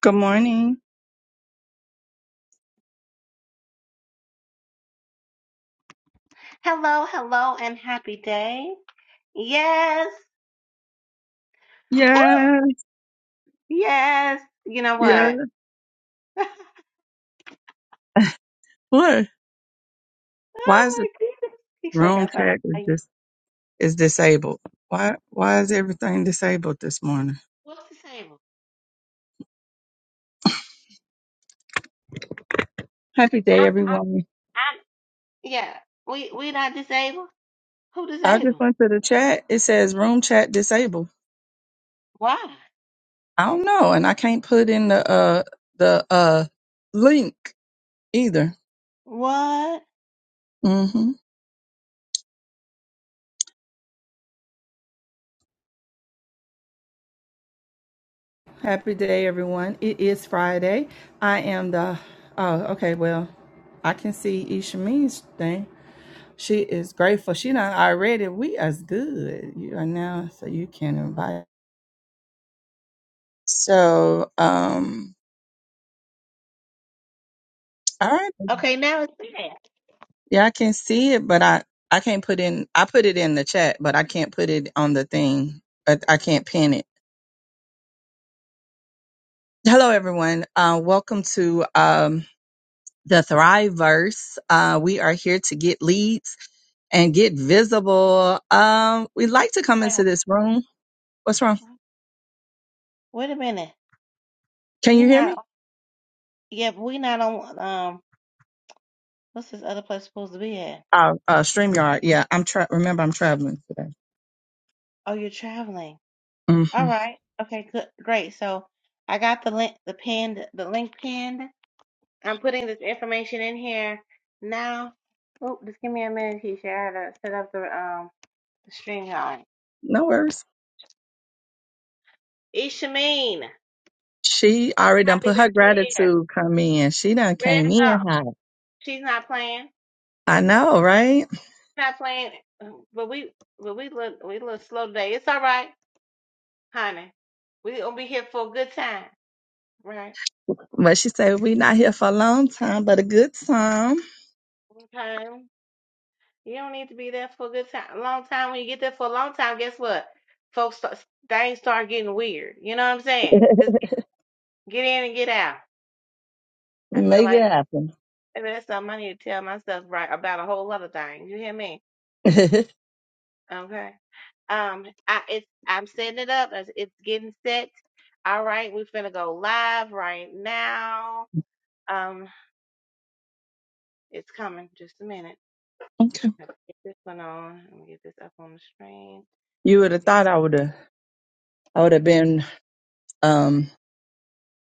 Good morning. Hello, hello, and happy day. Yes, Woo! Yeah, yes. You know yeah. what? oh What? Why is the my goodness, He sure room got something. chat to is tell dis is disabled? Why why is everything disabled this morning? What's disabled? Happy day, I, I, everyone. I, yeah, we we not disabled. Who I just disabled? went to the chat. It says room chat disabled. Why? I don't know, and I can't put in the uh the uh link either. What? Mm-hmm. Happy day, everyone. It is Friday. I am the. Oh, okay. Well, I can see Ishamin's thing. She is grateful. She done already. We as good. You are now, so you can invite. So, um, all right. Okay, now it's bad. Yeah, I can see it, but I I can't put in. I put it in the chat, but I can't put it on the thing. I, I can't pin it. Hello, everyone. Uh, welcome to um the Thriveverse. Uh, we are here to get leads and get visible. Um, we like to come into this room. What's wrong? Wait a minute. Can We you hear me? not. Yeah, but we not on. Um, what's this other place supposed to be at? Uh, uh, StreamYard. Yeah, I'm tra- remember I'm traveling today. Oh, you're traveling. hmm All right. Okay, good. Great. So I got the link, the pinned, the link pinned. I'm putting this information in here now. Oh, just give me a minute, Keisha. I gotta set up the um the string going. No worries. Ishameen, She already done happy put her that you're here. gratitude come in. She done Ready came to go. in hot. She's not playing. I know, right? Not playing. But we, but we look, we look slow today. It's all right, honey. We gonna be here for a good time, right? But she said we not here for a long time, but a good time. Okay. You don't need to be there for a good time. A long time. When you get there for a long time, guess what? Folks, start, things start getting weird. You know what I'm saying? Just get in and get out. I feel Make it like happen. maybe that's something I need to tell myself right about a whole other thing. You hear me? okay. Okay. Um, I it's I'm setting it up. It's, it's getting set. All right, we're finna go live right now. Um, it's coming. Just a minute. Let me Get this one on. Let me get this up on the screen. You would Let me have get thought I would have I would have been um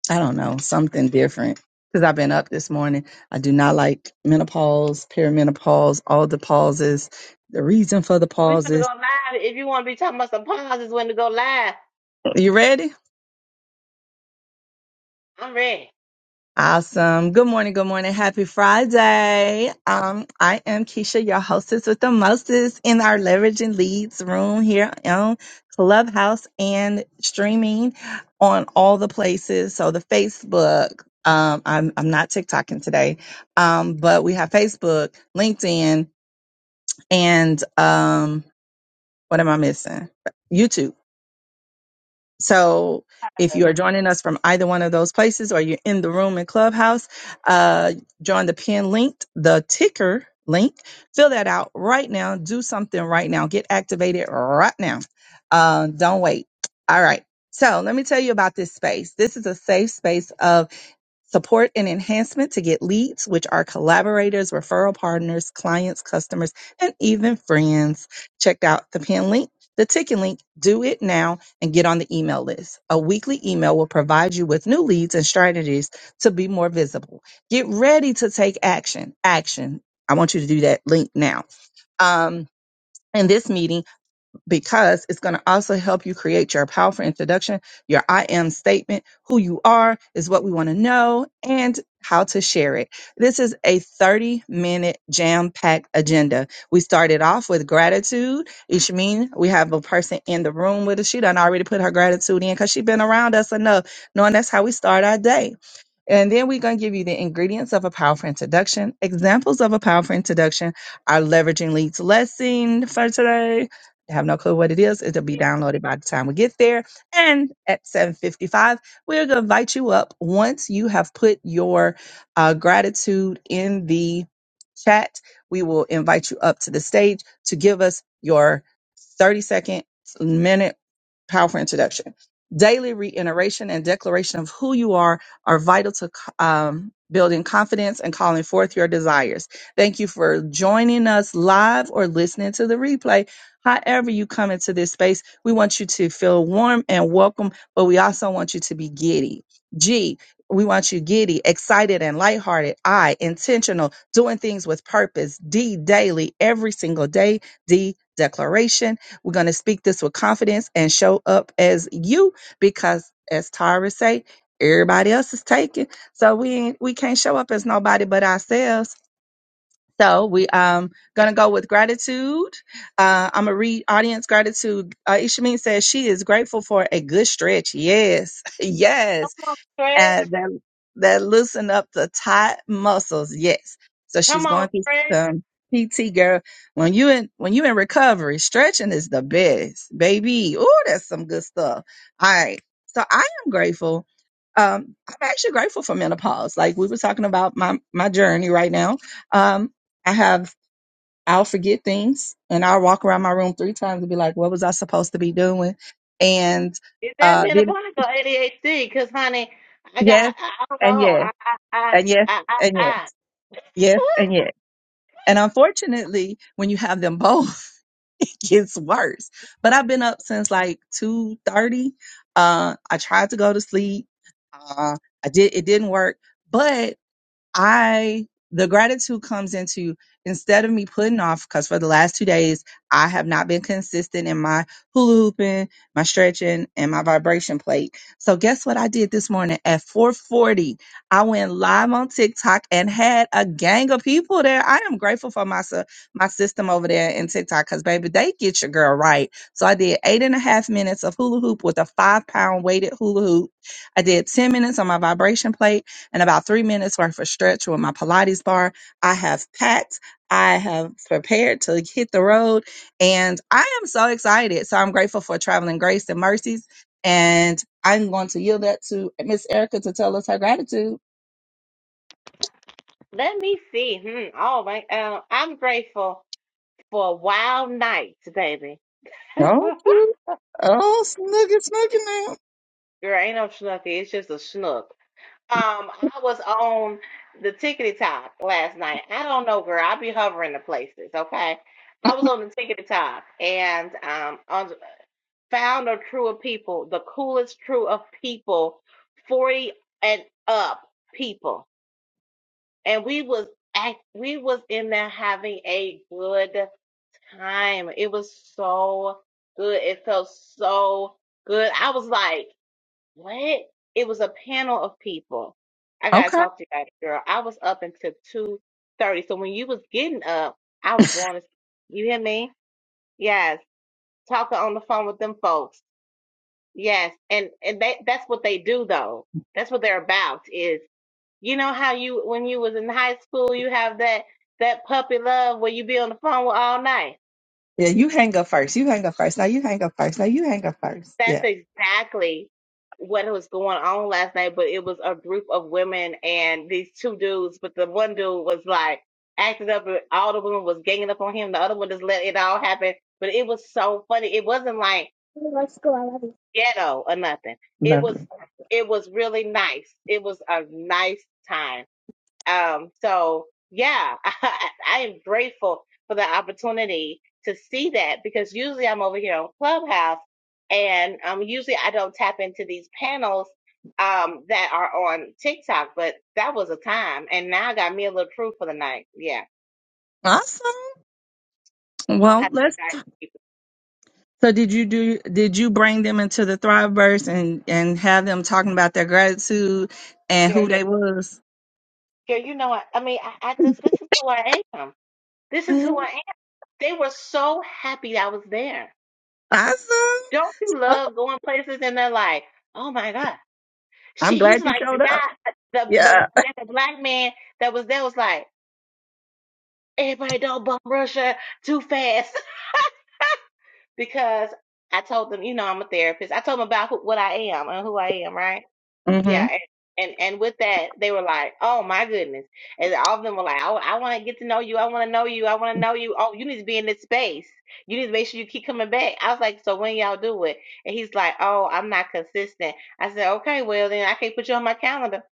I don't know, something different. Because I've been up this morning. I do not like menopause, perimenopause, all the pauses, the reason for the We finna go pauses. live. If you wanna be talking about some pauses when to go live, You ready? I'm ready. Awesome. Good morning. Good morning. Happy Friday. Um, I am Keisha, your hostess with the mostest in our leveraging leads room here on Clubhouse and streaming on all the places. So the Facebook, um, I'm, I'm not TikToking today. Um, but we have Facebook, LinkedIn, and, um, what am I missing? YouTube. So if you are joining us from either one of those places or you're in the room in Clubhouse, uh, join the pin link, the ticker link, fill that out right now. Do something right now. Get activated right now. Uh, don't wait. All right. So let me tell you about this space. This is a safe space of support and enhancement to get leads, which are collaborators, referral partners, clients, customers, and even friends. Check out the pin link, the ticket link, do it now, and get on the email list. A weekly email will provide you with new leads and strategies to be more visible. Get ready to take action. Action. I want you to do that link now. Um, in this meeting, because it's going to also help you create your powerful introduction, your I am statement, who you are is what we want to know, and how to share it. This is a 30 minute jam packed agenda. We started off with gratitude. Ishmin, we have a person in the room with us. She done already put her gratitude in because she's been around us enough, knowing that's how we start our day. And then we're going to give you the ingredients of a powerful introduction. Examples of a powerful introduction are leveraging leads lesson for today. I have no clue what it is. It'll be downloaded by the time we get there. And at 7:55, we're going to invite you up once you have put your uh, gratitude in the chat. We will invite you up to the stage to give us your 30 second, minute powerful introduction. Daily reiteration and declaration of who you are are vital to um, building confidence and calling forth your desires. Thank you for joining us live or listening to the replay. However, you come into this space, we want you to feel warm and welcome, but we also want you to be giddy. G, we want you giddy, excited, and lighthearted. I, intentional, doing things with purpose. D, daily, every single day. D, declaration we're going to speak this with confidence and show up as you because as Tara say, everybody else is taken. So we ain't, we can't show up as nobody but ourselves. So we um gonna go with gratitude. Uh, I'm gonna read audience gratitude. Uh, Ishameen says she is grateful for a good stretch. Yes, yes Come on, Stretch. and that, that loosen up the tight muscles. Yes. So Come she's on, going to get Stretch. some PT, girl. When you in when you in recovery, stretching is the best, baby. Oh, that's some good stuff. All right. So I am grateful. Um, I'm actually grateful for menopause. Like we were talking about my my journey right now. Um, I have I'll forget things and I'll walk around my room three times and be like, what was I supposed to be doing? And Is that uh then menopause or ADHD? Cause honey, I got yes I, I don't and know. yes. I I I and yes, I I. and yes, I. yes, and yes. And unfortunately, when you have them both, it gets worse. But I've been up since like two thirty. Uh, I tried to go to sleep. Uh, I did. It didn't work, but I the gratitude comes into instead of me putting off because for the last two days I have not been consistent in my hula hooping, my stretching, and my vibration plate. So guess what I did this morning at 4:40? I went live on TikTok and had a gang of people there. I am grateful for my sis- my system over there in TikTok because baby, they get your girl right. So I did eight and a half minutes of hula hoop with a five pound weighted hula hoop. I did 10 minutes on my vibration plate and about three minutes worth of stretch with my Pilates bar. I have packed, I have prepared to hit the road, and I am so excited. So I'm grateful for traveling grace and mercies. And I'm going to yield that to Miss Erica to tell us her gratitude. Let me see. Hmm. Oh my. Um. I'm grateful for wild nights, baby. Okay. Oh, snugget, snugget now. Girl, ain't no schnucky. It's just a schnook. Um, I was on the tickety top last night. I don't know, girl. I be hovering the places, okay? I was on the tickety top and um on found a crew of people, the coolest crew of people, 40 and up people. And we was act we was in there having a good time. It was so good. It felt so good. I was like what? It was a panel of people. I gotta Okay. talk to you about it, girl. I was up until two thirty. So when you was getting up, I was going to. You hear me? Yes. Talking on the phone with them folks. Yes. And and they that's what they do though. That's what they're about. Is you know how you when you was in high school you have that that puppy love where you be on the phone with all night. Yeah, you hang up first. You hang up first. Now you hang up first. Now you hang up first. That's Yeah, exactly what was going on last night, but it was a group of women and these two dudes, but the one dude was like acting up and all the women was ganging up on him. The other one just let it all happen. But it was so funny. It wasn't like ghetto or nothing. It love was you. it was really nice. It was a nice time. Um, so yeah, I, I am grateful for the opportunity to see that because usually I'm over here on Clubhouse and um, usually I don't tap into these panels um, that are on TikTok, but that was a time. And now I got me a little proof for the night. Yeah. Awesome. I'm gonna Well, have to let's invite people. So did you do did you bring them into the Thriveverse and and have them talking about their gratitude and Girl, who yeah. they was? Girl, you know what? I mean, I, I just, this is who I am. This is who I Mhm. am. They were so happy I was there. Awesome. Don't you Oh, love going places and they're like, Oh my God. I'm She he's glad you like showed the up. guy the the Yeah. that the black man that was there was like, everybody don't bum rush her too fast because I told them, you know, I'm a therapist. I told them about who, what I am and who I am, right? Yeah, Mhm. and, and and with that, they were like, "Oh my goodness!" And all of them were like, "I, I want to get to know you. I want to know you. I want to know you. Oh, you need to be in this space. You need to make sure you keep coming back." I was like, "So when y'all do it?" And he's like, "Oh, I'm not consistent." I said, "Okay, well then I can't put you on my calendar."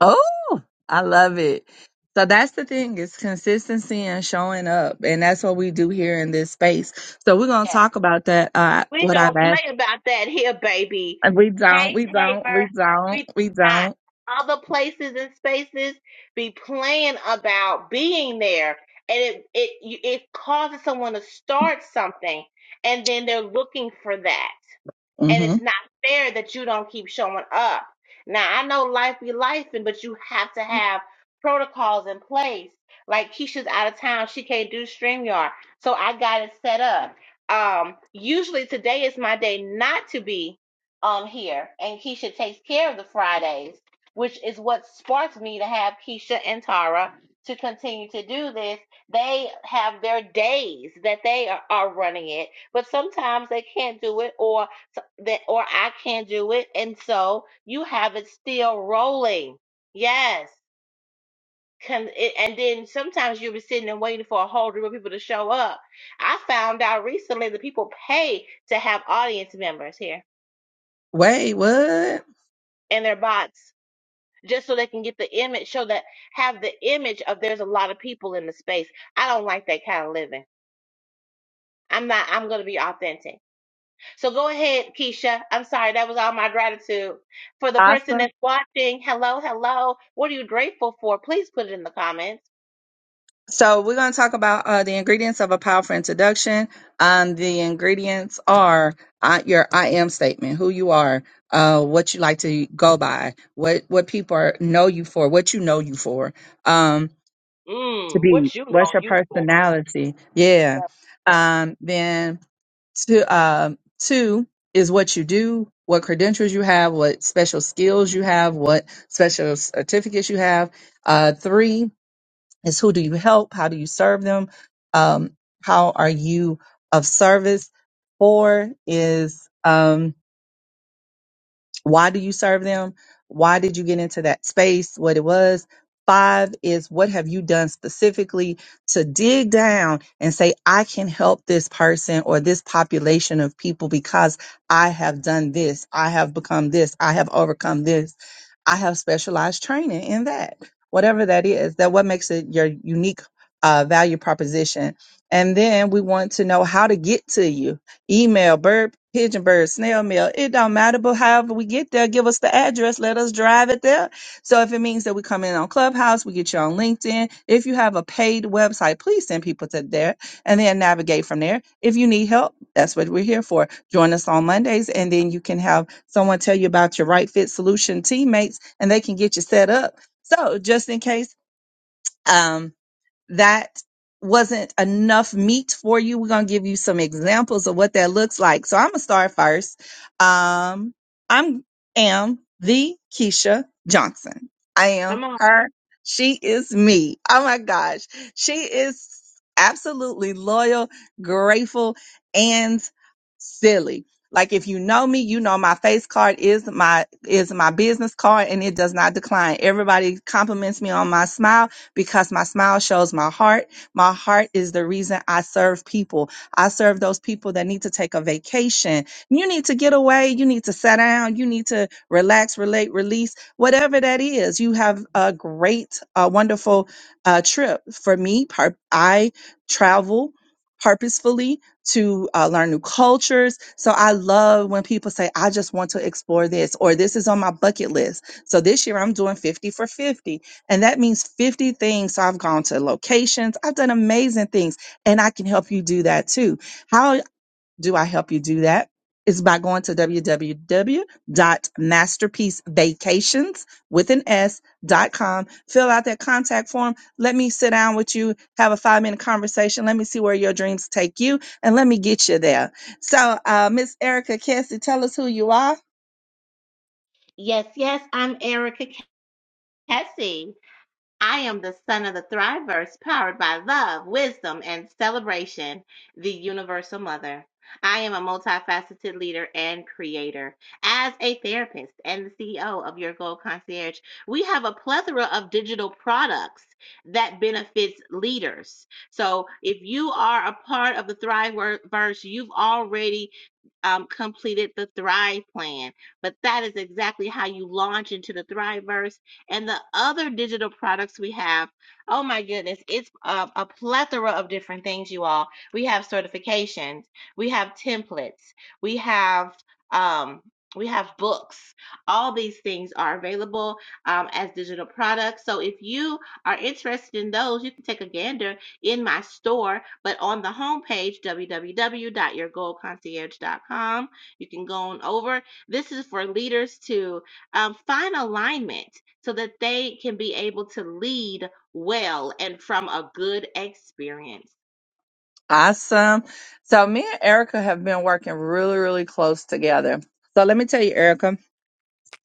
Oh, I love it. So that's the thing is consistency and showing up and that's what we do here in this space. So we're going to talk about that uh We what I've don't asked. play about that here, baby. And We don't, Hey, we don't, we Flavor, don't, we do we don't. not. Other places and spaces be playing about being there, and it it you- it causes someone to start something, and then they're looking for that and Mhm. it's not fair that you don't keep showing up. Now I know life be lifing, but you have to have protocols in place. Like Keisha's out of town, she can't do StreamYard, so I got it set up. Um, usually today is my day not to be on here, and Keisha takes care of the Fridays, which is what sparked me to have Keisha and Tara to continue to do this. They have their days that they are, are running it, but sometimes they can't do it or so that or I can't do it, and so you have it still rolling. Yes. Con- it- and then sometimes you'll be sitting and waiting for a whole group of people to show up. I found out recently that people pay to have audience members here Wait, what? in their bots just so they can get the image, show that have the image of there's a lot of people in the space. I don't like that kind of living. I'm not. I'm going to be authentic. So go ahead, Keisha. I'm sorry, that was all my gratitude. For the person Awesome. that's watching, hello, hello. What are you grateful for? Please put it in the comments. So we're going to talk about uh, the ingredients of a powerful introduction. Um, the ingredients are uh, your I am statement, who you are, uh, what you like to go by, what what people are, know you for, what you know you for. Um, to Mm, be what you what's know your you for. personality? Yeah. That's- Um, then to um two is what you do, what credentials you have, what special skills you have, what special certificates you have. Uh, three is who do you help? How do you serve them? Um, how are you of service? Four is um, why do you serve them why did you get into that space what it was five is what have you done specifically to dig down and say i can help this person or this population of people because i have done this i have become this i have overcome this i have specialized training in that whatever that is that what makes it your unique uh, value proposition and then we want to know how to get to you email, bird, pigeon bird, snail mail. It don't matter, but however we get there, give us the address, let us drive it there. So if it means that we come in on Clubhouse, we get you on LinkedIn. If you have a paid website, please send people to there and then navigate from there. If you need help, that's what we're here for. Join us on Mondays and then you can have someone tell you about your right fit solution teammates and they can get you set up. So just in case, um, that wasn't enough meat for you. We're going to give you some examples of what that looks like. So I'm going to start first. Um, I'm am the Keisha Johnson. I am Come on. her. She is me. Oh my gosh. She is absolutely loyal, grateful, and silly. Like if you know me, you know my face card is my is my business card and it does not decline. Everybody compliments me on my smile because my smile shows my heart. My heart is the reason I serve people. I serve those people that need to take a vacation. You need to get away. You need to sit down. You need to relax, relate, release, whatever that is. You have a great, uh, wonderful uh, trip. For me, pur- I travel purposefully to uh, learn new cultures. So I love when people say, I just want to explore this, or this is on my bucket list. So this year I'm doing 50 for 50. And that means 50 things. So I've gone to locations, I've done amazing things, and I can help you do that too. How do I help you do that? It's by going to www.masterpiecevacations with an S dot com. Fill out that contact form. Let me sit down with you, have a five minute conversation. Let me see where your dreams take you, and let me get you there. So, uh, Miss Erica Kessie, tell us who you are Yes, yes, I'm Erica Cassie. I am the son of the Thriverse, powered by love, wisdom, and celebration, the Universal Mother. I am a multifaceted leader and creator. As a therapist and the CEO of Your Gold Concierge, we have a plethora of digital products that benefits leaders. So if you are a part of the Thriverse, you've already um, completed the Thrive Plan. But that is exactly how you launch into the Thriveverse and the other digital products we have. Oh my goodness, it's a, a plethora of different things, you all. We have certifications, we have templates, we have um, we have books. All these things are available um, as digital products. So if you are interested in those, you can take a gander in my store. But on the homepage, www.yourgoldconcierge.com, you can go on over. This is for leaders to um, find alignment so that they can be able to lead well and from a good experience. Awesome. So me and Erica have been working really, really close together. So let me tell you, Erica.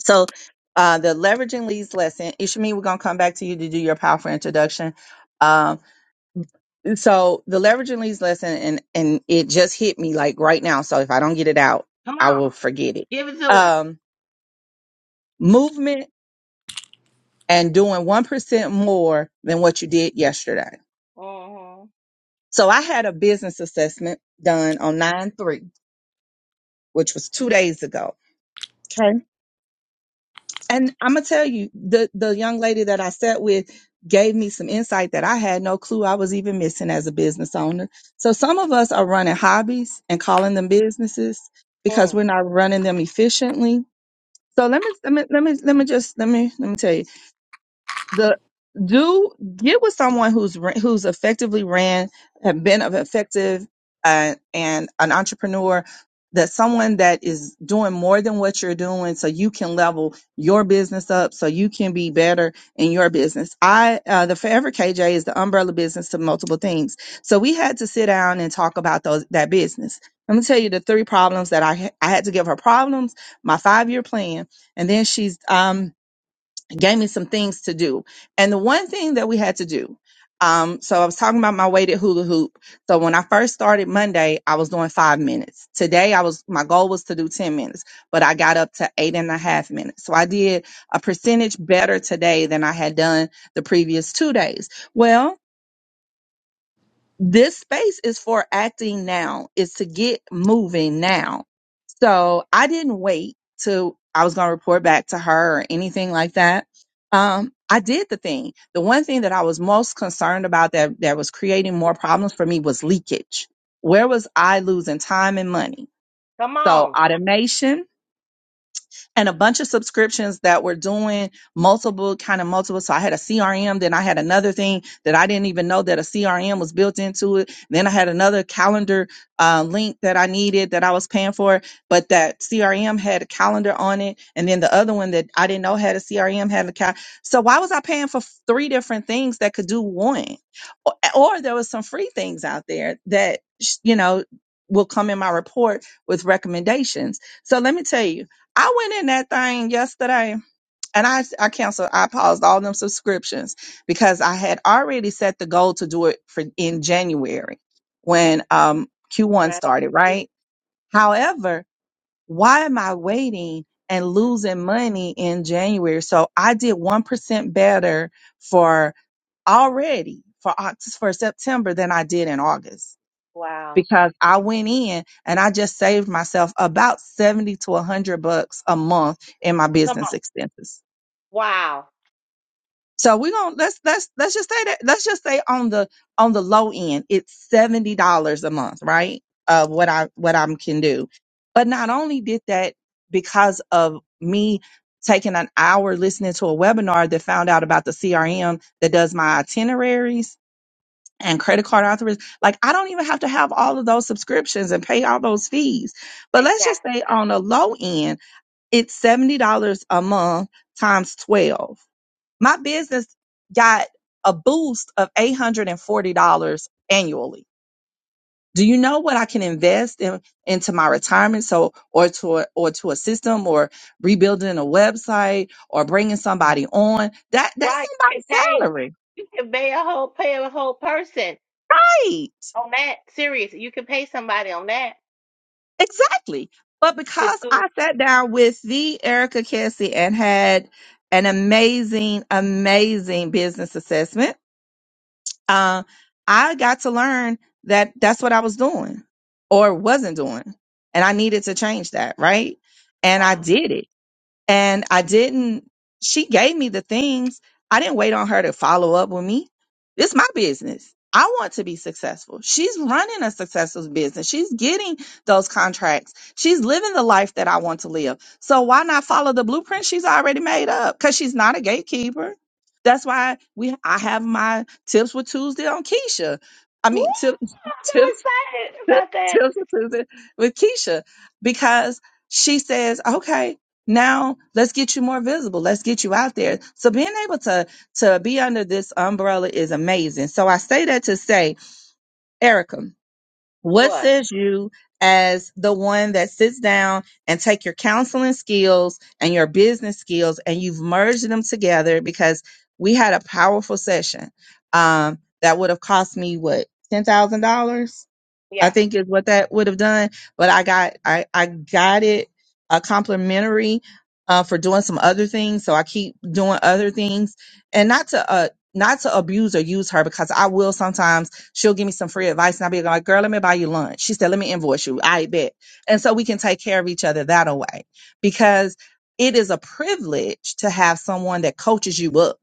So uh, the leveraging leads lesson, Ishmi, we're gonna come back to you to do your powerful introduction. Um, so the leveraging leads lesson, and and it just hit me like right now. So if I don't get it out, Come I will on, forget it. give it to her. Um, movement and doing one percent more than what you did yesterday. Mhm. So I had a business assessment done on nine three, which was two days ago. Okay and I'm gonna tell you, the the young lady that I sat with gave me some insight that I had no clue I was even missing as a business owner. So some of us are running hobbies and calling them businesses because Mm. we're not running them efficiently. So let me let me let me let me just let me let me tell you the do get with someone who's ra- who's effectively ran have been of effective uh, and an entrepreneur that someone that is doing more than what you're doing so you can level your business up so you can be better in your business i uh, the forever kj is the umbrella business to multiple things so we had to sit down and talk about those that business let me tell you the three problems that i ha- i had to give her problems my five year plan and then she's um gave me some things to do. And the one thing that we had to do, um, so I was talking about my weighted hula hoop. So when I first started Monday, I was doing five minutes. Today, I was my goal was to do ten minutes, but I got up to eight and a half minutes. So I did a percentage better today than I had done the previous two days. Well, this space is for acting now is to get moving now so i didn't wait till i was going to report back to her or anything like that um, i did the thing the one thing that i was most concerned about that that was creating more problems for me was leakage where was i losing time and money Come so on. automation and a bunch of subscriptions that were doing multiple kind of multiple. So I had a CRM, then I had another thing that I didn't even know that a CRM was built into it. Then I had another calendar uh, link that I needed that I was paying for, but that CRM had a calendar on it, and then the other one that I didn't know had a CRM had a cal. So why was I paying for f- three different things that could do one? Or, or there was some free things out there that sh- you know will come in my report with recommendations. So let me tell you I went in that thing yesterday and I, I canceled, I paused all them subscriptions because I had already set the goal to do it for in January when um, Q1 Right. started, right? However, why am I waiting and losing money in January? So I did 1% better for already for Oct- for September than I did in August Wow. because I went in and I just saved myself about 70 to 100 bucks a month in my Come business on. expenses. Wow. So we're going to let's let's let's just say that let's just say on the on the low end it's $70 a month, right? Of what I what I can do. But not only did that because of me taking an hour listening to a webinar that found out about the CRM that does my itineraries and credit card authorization. Like I don't even have to have all of those subscriptions and pay all those fees. But let's just Exactly. say on the low end, it's seventy dollars a month times twelve. My business got a boost of eight hundred and forty dollars annually. Do you know what I can invest in into my retirement? So, or to a, or to a system, or rebuilding a website, or bringing somebody on that that's Right. You can somebody's pay, salary. you can pay a whole pay a whole person right? on that. Serious. You can pay somebody on that Exactly. But to because do I sat down with the Erica Kessie and had an amazing, amazing business assessment, uh, I got to learn that that's what I was doing or wasn't doing. And I needed to change that, right? And I Wow. did it and I didn't. She gave me the things. I didn't wait on her to follow up with me. It's my business. I want to be successful. She's running a successful business. She's getting those contracts. She's living the life that I want to live. So why not follow the blueprint she's already made up? Because she's not a gatekeeper. That's why we I have my tips with Tuesday on Keisha. I Woo! mean, tip, I'm so tips excited about that. Tips with Tuesday with Keisha because she says, okay, now let's get you more visible. Let's get you out there. So being able to to be under this umbrella is amazing. So I say that to say, Erica, what What? says you as the one that sits down and take your counseling skills and your business skills and you've merged them together because we had a powerful session um, that would have cost me what ten thousand dollars I Yeah. think is what that would have done. But I got I I got it a complimentary uh, for doing some other things. So I keep doing other things and not to uh not to abuse or use her because I will sometimes she'll give me some free advice and I'll be like, girl, let me buy you lunch. She said, let me invoice you. I bet. And so we can take care of each other that way because it is a privilege to have someone that coaches you up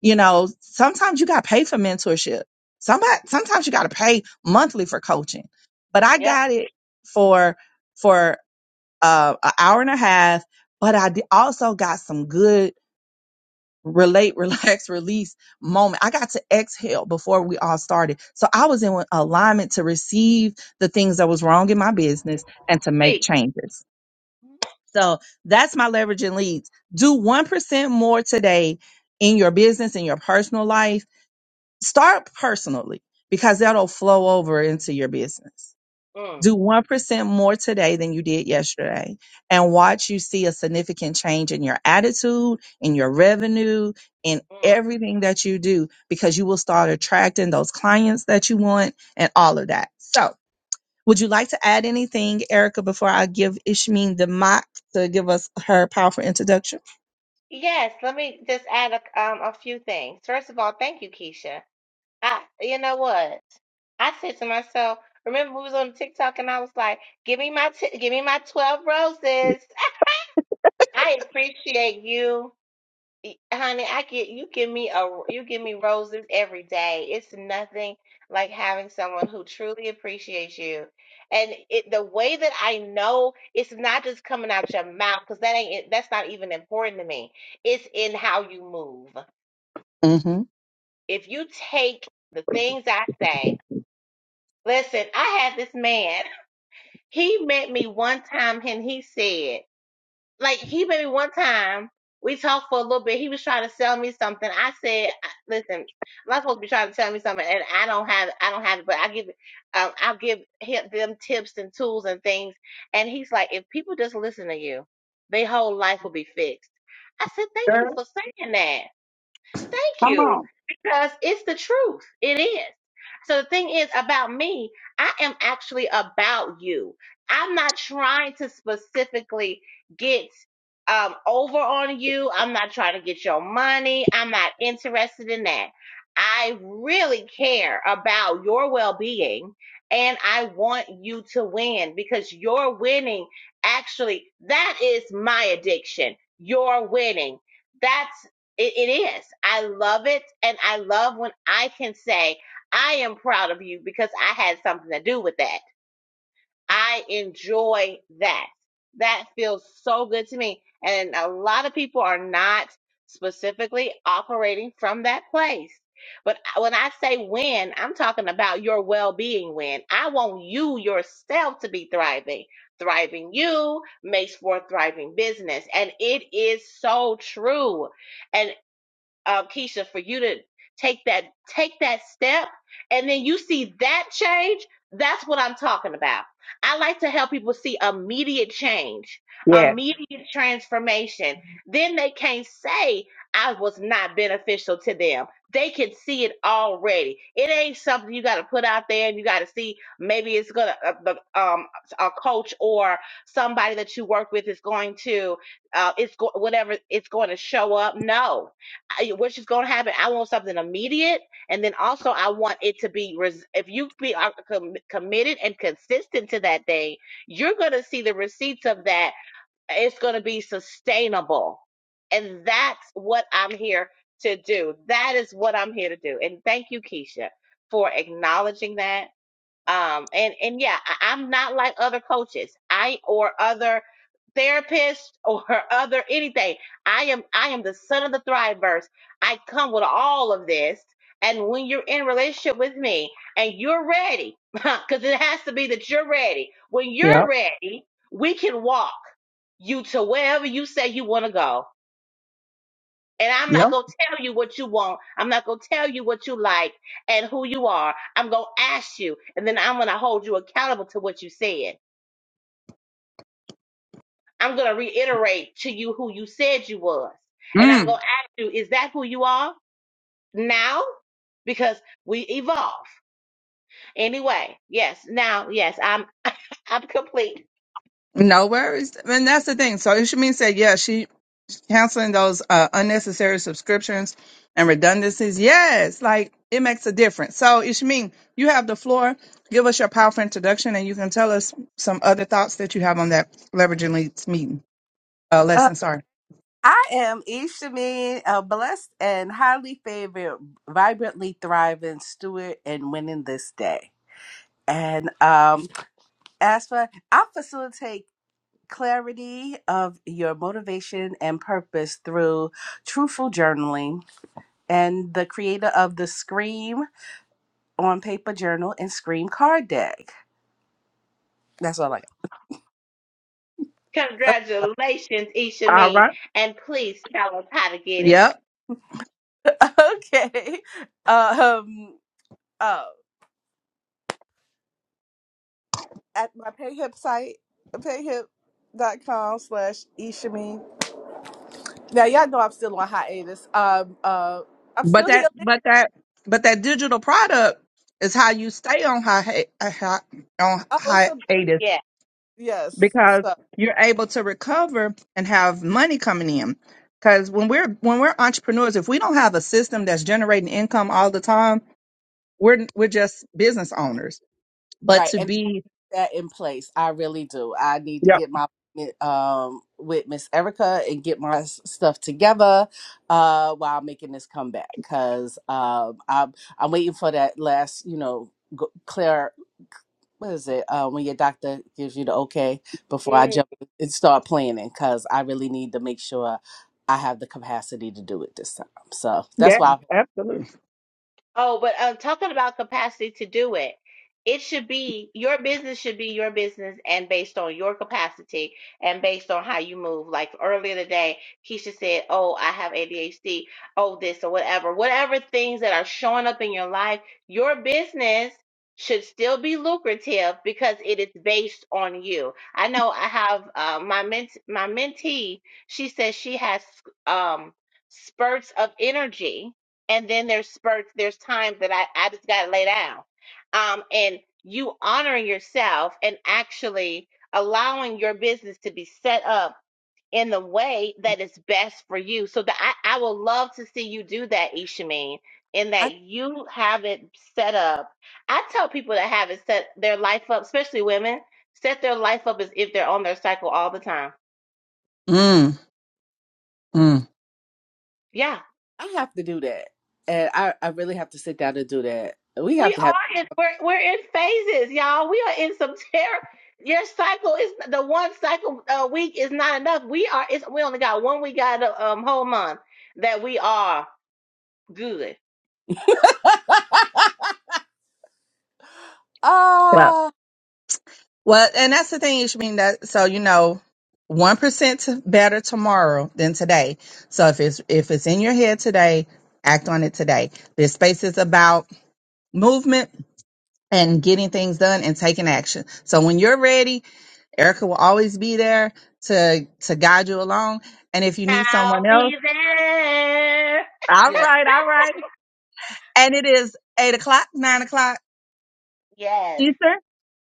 you know, sometimes you got to pay for mentorship. Somebody, sometimes you got to pay monthly for coaching. But I Yep. got it for for uh, an hour and a half. But I di- also got some good relate, relax, release moment. I got to exhale before we all started. So I was in alignment to receive the things that was wrong in my business and to make Speak. changes. So that's my leveraging leads. Do 1% more today in your business, in your personal life Start personally because that'll flow over into your business. Mm. Do 1% more today than you did yesterday and watch you see a significant change in your attitude, in your revenue, in Mm. everything that you do because you will start attracting those clients that you want and all of that. So, would you like to add anything, Erica, before I give Ishmeen the mic to give us her powerful introduction? Yes, let me just add a, um, a few things. First of all, thank you, Keisha. I, you know what? I said to myself, remember we was on TikTok and I was like, give me my, t- give me my 12 roses. I appreciate you Y- Honey, I get you give me a you give me roses every day. It's nothing like having someone who truly appreciates you. And it the way that I know it's not just coming out your mouth because that ain't it- that's not even important to me. It's in how you move. hmm If you take the things I say, listen, I had this man. He met me one time and he said. like he made me one time. We talked for a little bit. He was trying to sell me something. I said, "Listen, I'm not supposed to be trying to sell me something, and I don't have, I don't have it, but I give, um, I'll give him them tips and tools and things." And he's like, "If people just listen to you, their whole life will be fixed." I said, "Thank you for saying that." Thank Come on. you. Because it's the truth. It is. So the thing is about me, I am actually about you. I'm not trying to specifically get um over on you. I'm not trying to get your money. I'm not interested in that. I really care about your well-being and I want you to win because your winning actually that is my addiction. Your winning. That's. It, it is. I love it. And I love when I can say, I am proud of you because I had something to do with that. I enjoy that. That feels so good to me. And a lot of people are not specifically operating from that place. But uh, when I say win, I'm talking about your well being win. I want you yourself to be thriving. Thriving you makes for a thriving business. And it is so true And um, Keisha, for you to take that take that step, and then you see that change. That's what I'm talking about. I like to help people see immediate change, Yeah. immediate transformation. Then they can't say I was not beneficial to them. They can see it already. It ain't something you got to put out there and you got to see. Maybe it's gonna uh, the, um a coach or somebody that you work with is going to uh it's go- whatever it's going to show up. No, I- which is going to happen. I want something immediate, and then also I want it to be. res- If you be are com- committed and consistent to that thing, you're going to see the receipts of that. It's going to be sustainable, and that's what I'm here to do. That is what I'm here to do. And thank you, Keisha, for acknowledging that um and and yeah I, i'm not like other coaches i or other therapists or other anything i am i am the son of the thriveverse i come with all of this and when you're in relationship with me and you're ready because it has to be that you're ready when you're Yep. ready we can walk you to wherever you say you want to go and I'm Yep. not going to tell you what you want. I'm not going to tell you what you like and who you are. I'm going to ask you, and then I'm going to hold you accountable to what you said. I'm going to reiterate to you who you said you was. And I'm going Mm. to ask you, is that who you are now? Because we evolve. Anyway, yes, now, yes, I'm I'm complete. No worries. And that's the thing. So Ishameen said, yeah, she canceling those uh, unnecessary subscriptions and redundancies. Yes, like it makes a difference. So Ishameen, you have the floor. Give us your powerful introduction and you can tell us some other thoughts that you have on that leveraging leads meeting. Uh, Uh, lesson, sorry. I am Ishamin, a blessed and highly favored, vibrantly thriving steward and winning this day. And um, as for, I facilitate clarity of your motivation and purpose through truthful journaling and the creator of the Scream on Paper Journal and Scream Card Deck. That's all I got. Congratulations, All Ishameen. right. And please tell us how to get it. Yep. okay. Um, um, at my Payhip site, payhip.com slash Ishami. Now y'all know I'm still on hiatus. Um uh I'm But still healing. that, but that, but that digital product is how you stay on hi- hey, uh, hi- on Oh, it's a hiatus Yeah. yes. because So you're able to recover and have money coming in. Because when we're when we're entrepreneurs, if we don't have a system that's generating income all the time, we're we're just business owners. But right, to and be, that in place. I really do. I need to yep, get my um with Miss Erica and get my s- stuff together uh while making this comeback because um I'm I'm waiting for that last, you know, go, what is it uh, when your doctor gives you the okay before I Mm. jump and start planning because I really need to make sure I have the capacity to do it this time. So that's yeah, why absolutely. Oh, but uh, talking about capacity to do it, it should be your business should be your business and based on your capacity and based on how you move. Like earlier today, Keisha said, Oh, I have ADHD, oh, this or whatever. Whatever things that are showing up in your life, your business should still be lucrative because it is based on you. I know I have uh, my ment- my mentee, she says she has um spurts of energy and then there's spurts there's times that i i just gotta lay down um and you honoring yourself and actually allowing your business to be set up in the way that is best for you so that i i will love to see you do that ishameen in I that you have it set up i tell people that have it set their life up especially women set their life up as if they're on their cycle all the time Mm, mm. yeah I have to do that, and I I really have to sit down and do that. We have We to have. are in we're we're in phases, y'all. We are in some terror. Your cycle is the one cycle a week is not enough. We are it's we only got one week out of um whole month that we are good. oh Well, and that's the thing, You should mean That so you know, one percent better tomorrow than today. So if it's if it's in your head today, act on it today. This space is about movement and getting things done and taking action. So when you're ready, Erica will always be there to to guide you along. And if you need someone I'll else, be there. all yeah. right, all right. And it is eight o'clock, nine o'clock Yes. Eastern.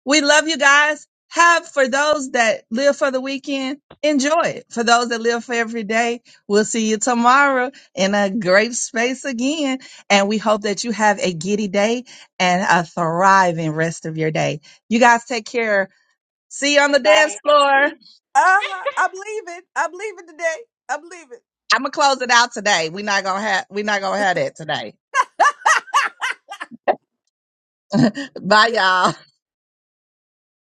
We love you guys. Have for those that live for the weekend, enjoy it. For those that live for every day, we'll see you tomorrow in a great space again. And we hope that you have a giddy day and a thriving rest of your day. You guys take care. See you on the dance Bye. floor. Uh huh. I'm leaving. I'm leaving today. I'm leaving. I'm gonna close it out today. We're not gonna have we're not gonna have that today. Bye y'all.